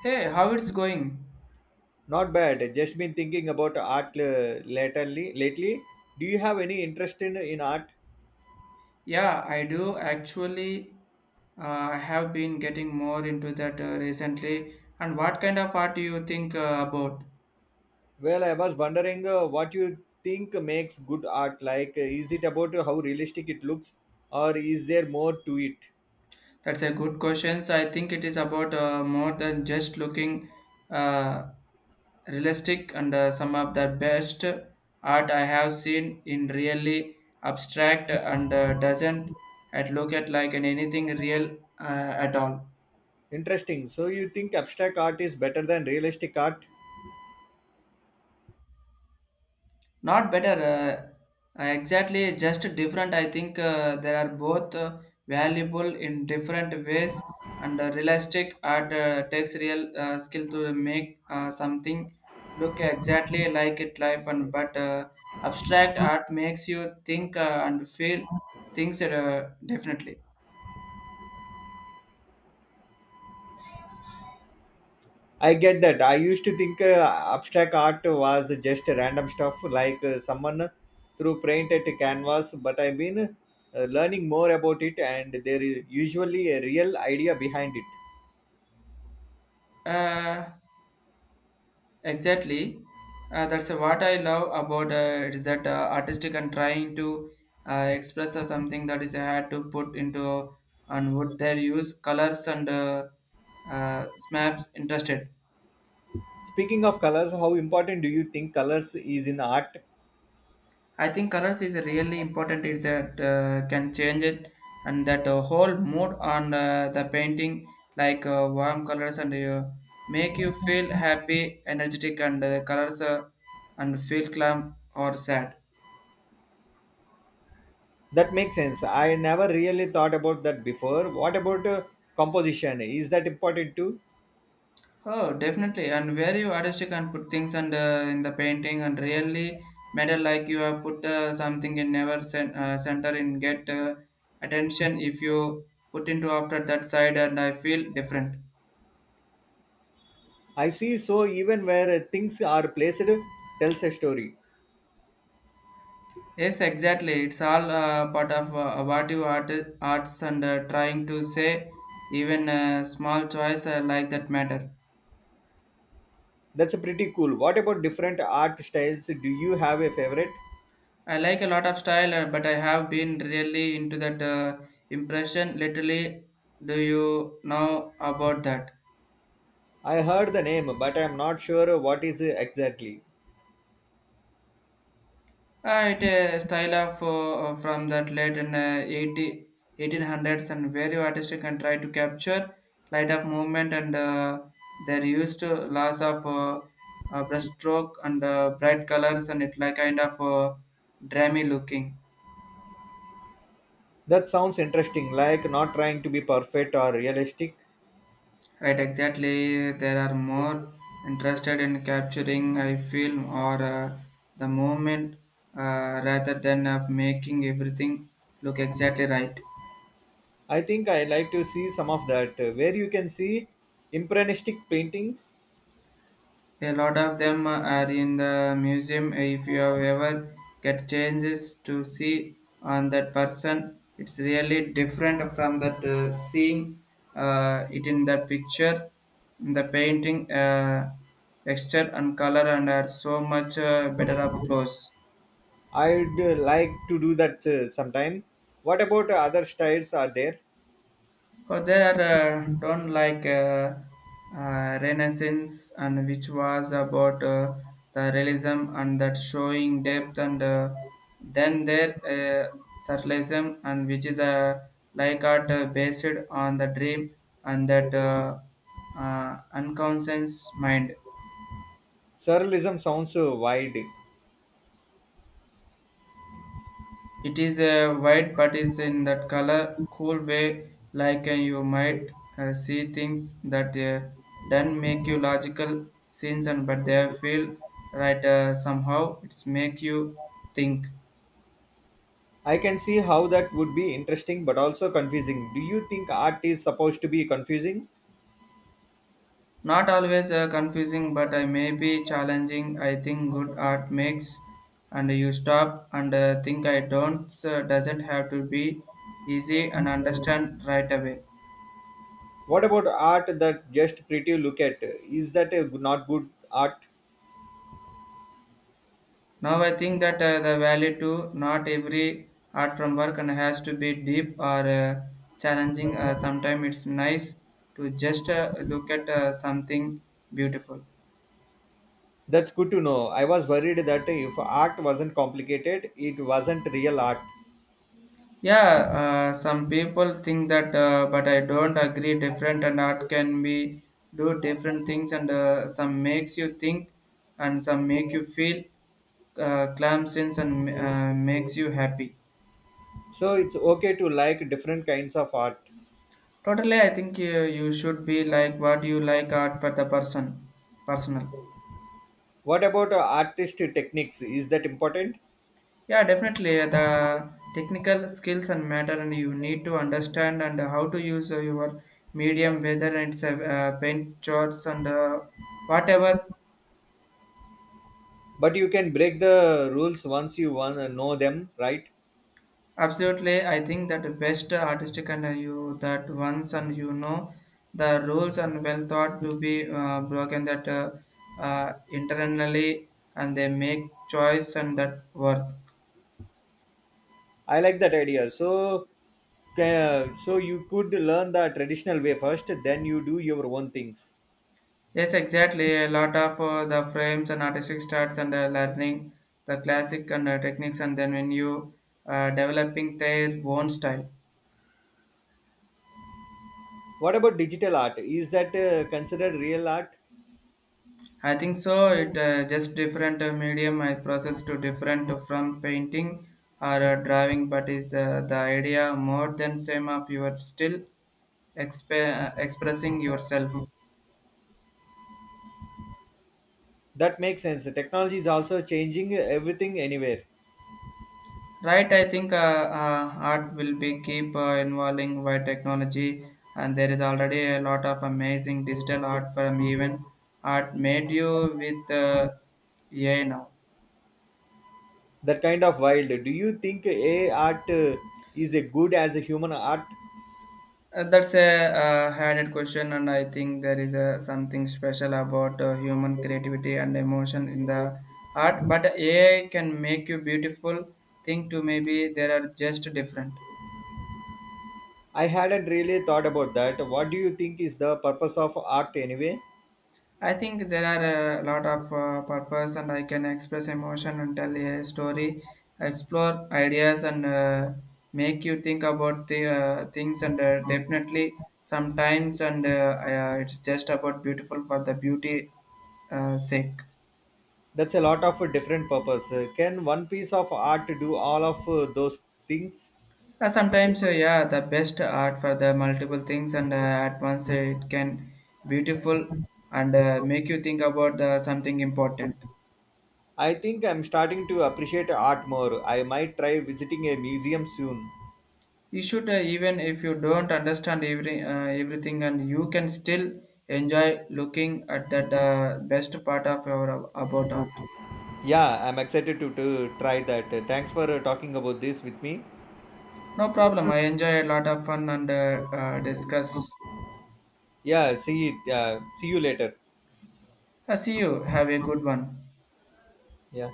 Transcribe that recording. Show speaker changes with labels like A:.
A: Hey, how it's going?
B: Not bad. Just been thinking about art lately. Lately, do you have any interest in art?
A: Yeah, I do actually. I have been getting more into that recently. And what kind of art do you think about?
B: Well, I was wondering what you think makes good art. Like, is it about how realistic it looks, or is there more to it?
A: That's a good question. So I think it is about more than just looking uh, realistic and some of the best art I have seen in really abstract and doesn't at look at like an anything real at all.
B: Interesting. So you think abstract art is better than realistic art?
A: Not better, exactly, just different. I think there are both valuable in different ways and realistic art takes real skill to make something look exactly like it life and but abstract art makes you think and feel things definitely.
B: I get that. I used to think abstract art was just random stuff like someone threw paint at a canvas, but I've been learning more about it and there is usually a real idea behind it.
A: Uh, Exactly. That's what I love about it is that artistic and trying to express something that is had to put into and what they use colors and smaps interested.
B: Speaking of colors, how important do you think colors is in art?
A: I think colors is really important. Is that can change it and that whole mood on the painting like warm colors and make you feel happy, energetic, and colors and feel calm or sad.
B: That makes sense. I never really thought about that before. What about composition? Is that important too?
A: Oh, definitely. And very artistic and put things and in the painting and really matter like you have put something in never center in get attention if you put into after that side and I feel different.
B: I see, so even where things are placed tells a story.
A: Yes, exactly. It's all part of what you arts and trying to say even small choice like that matter.
B: That's pretty cool. What about different art styles? Do you have a favorite?
A: I like a lot of style, but I have been really into that impression. Literally, do you know about that?
B: I heard the name, but I'm not sure what is exactly.
A: It a style of from that late in 80, eighteen hundreds and very artistic and try to capture light of movement and they're used to lots of brushstroke and bright colors and it like kind of dreamy looking.
B: That sounds interesting, like not trying to be perfect or realistic.
A: Right, exactly. There are more interested in capturing a film or the moment rather than of making everything look exactly right.
B: I think I like to see some of that, where you can see impressionistic paintings.
A: A lot of them are in the museum. If you have ever get chances to see on that person, it's really different from that seeing it in the picture, the painting, texture and color, and are so much better up close.
B: I'd like to do that sometime. What about other styles are there?
A: Oh, there are don't like Renaissance, and which was about the realism and that showing depth, and then there surrealism, and which is like art based on the dream and that unconscious mind.
B: Surrealism sounds wide.
A: It is a white but it's in that color cool way like you might see things that don't make you logical sense and but they feel right somehow it's make you think
B: I can see how that would be interesting but also confusing. Do you think art is supposed to be confusing?
A: not always confusing but I may be challenging I think good art makes and you stop and think I don't doesn't have to be easy and understand right away.
B: What about art that just pretty look at? Is that not good art?
A: Now I think that the value to not every art from work and has to be deep or uh, challenging. Sometimes it's nice to just look at something beautiful.
B: That's good to know. I was worried that if art wasn't complicated, it wasn't real art.
A: Yeah, some people think that, but I don't agree. Different and art can be do different things, and some makes you think, and some make you feel clamp sense and makes you happy.
B: So it's okay to like different kinds of art.
A: Totally, I think you should be like what you like art for the person, personal.
B: What about artist techniques? Is that important?
A: Yeah, definitely. The technical skills and matter, and you need to understand and how to use your medium, whether it's a paint charts and whatever.
B: But you can break the rules once you wanna know them, right?
A: Absolutely, I think that the best artistic and you that once and you know the rules and well thought to be broken that internally and they make choice and that worth.
B: I like that idea. So you could learn the traditional way first, then you do your own things.
A: Yes, exactly. A lot of the frames and artistic starts and learning the classic and techniques, and then when you developing their own style.
B: What about digital art? Is that considered real art?
A: I think so. It just different medium I process to different from painting or drawing, but is the idea more than same of you are still expressing yourself.
B: That makes sense. The technology is also changing everything anywhere.
A: Right, I think art will be keep involving by technology, and there is already a lot of amazing digital art from even art made you with AI now.
B: That kind of wild. Do you think AI art is a good as a human art?
A: That's a added question, and I think there is a something special about human creativity and emotion in the art. But AI can make you beautiful. Think to maybe there are just different.
B: I hadn't really thought about that. What do you think is the purpose of art anyway?
A: I think there are a lot of purpose, and I can express emotion and tell a story, explore ideas, and make you think about the things. And definitely, sometimes, and it's just about beautiful for the beauty sake.
B: That's a lot of different purpose. Can one piece of art do all of those things?
A: Sometimes, yeah, the best art for the multiple things, and at once it can beautiful and make you think about the something important.
B: I think I'm starting to appreciate art more. I might try visiting a museum soon.
A: You should, even if you don't understand everything, and you can still enjoy looking at that best part of your about art.
B: Yeah, I'm excited to try that. Thanks for talking about this with me.
A: No problem. I enjoy a lot of fun and discuss.
B: Yeah, see you later.
A: I see you. Have a good one.
B: Yeah,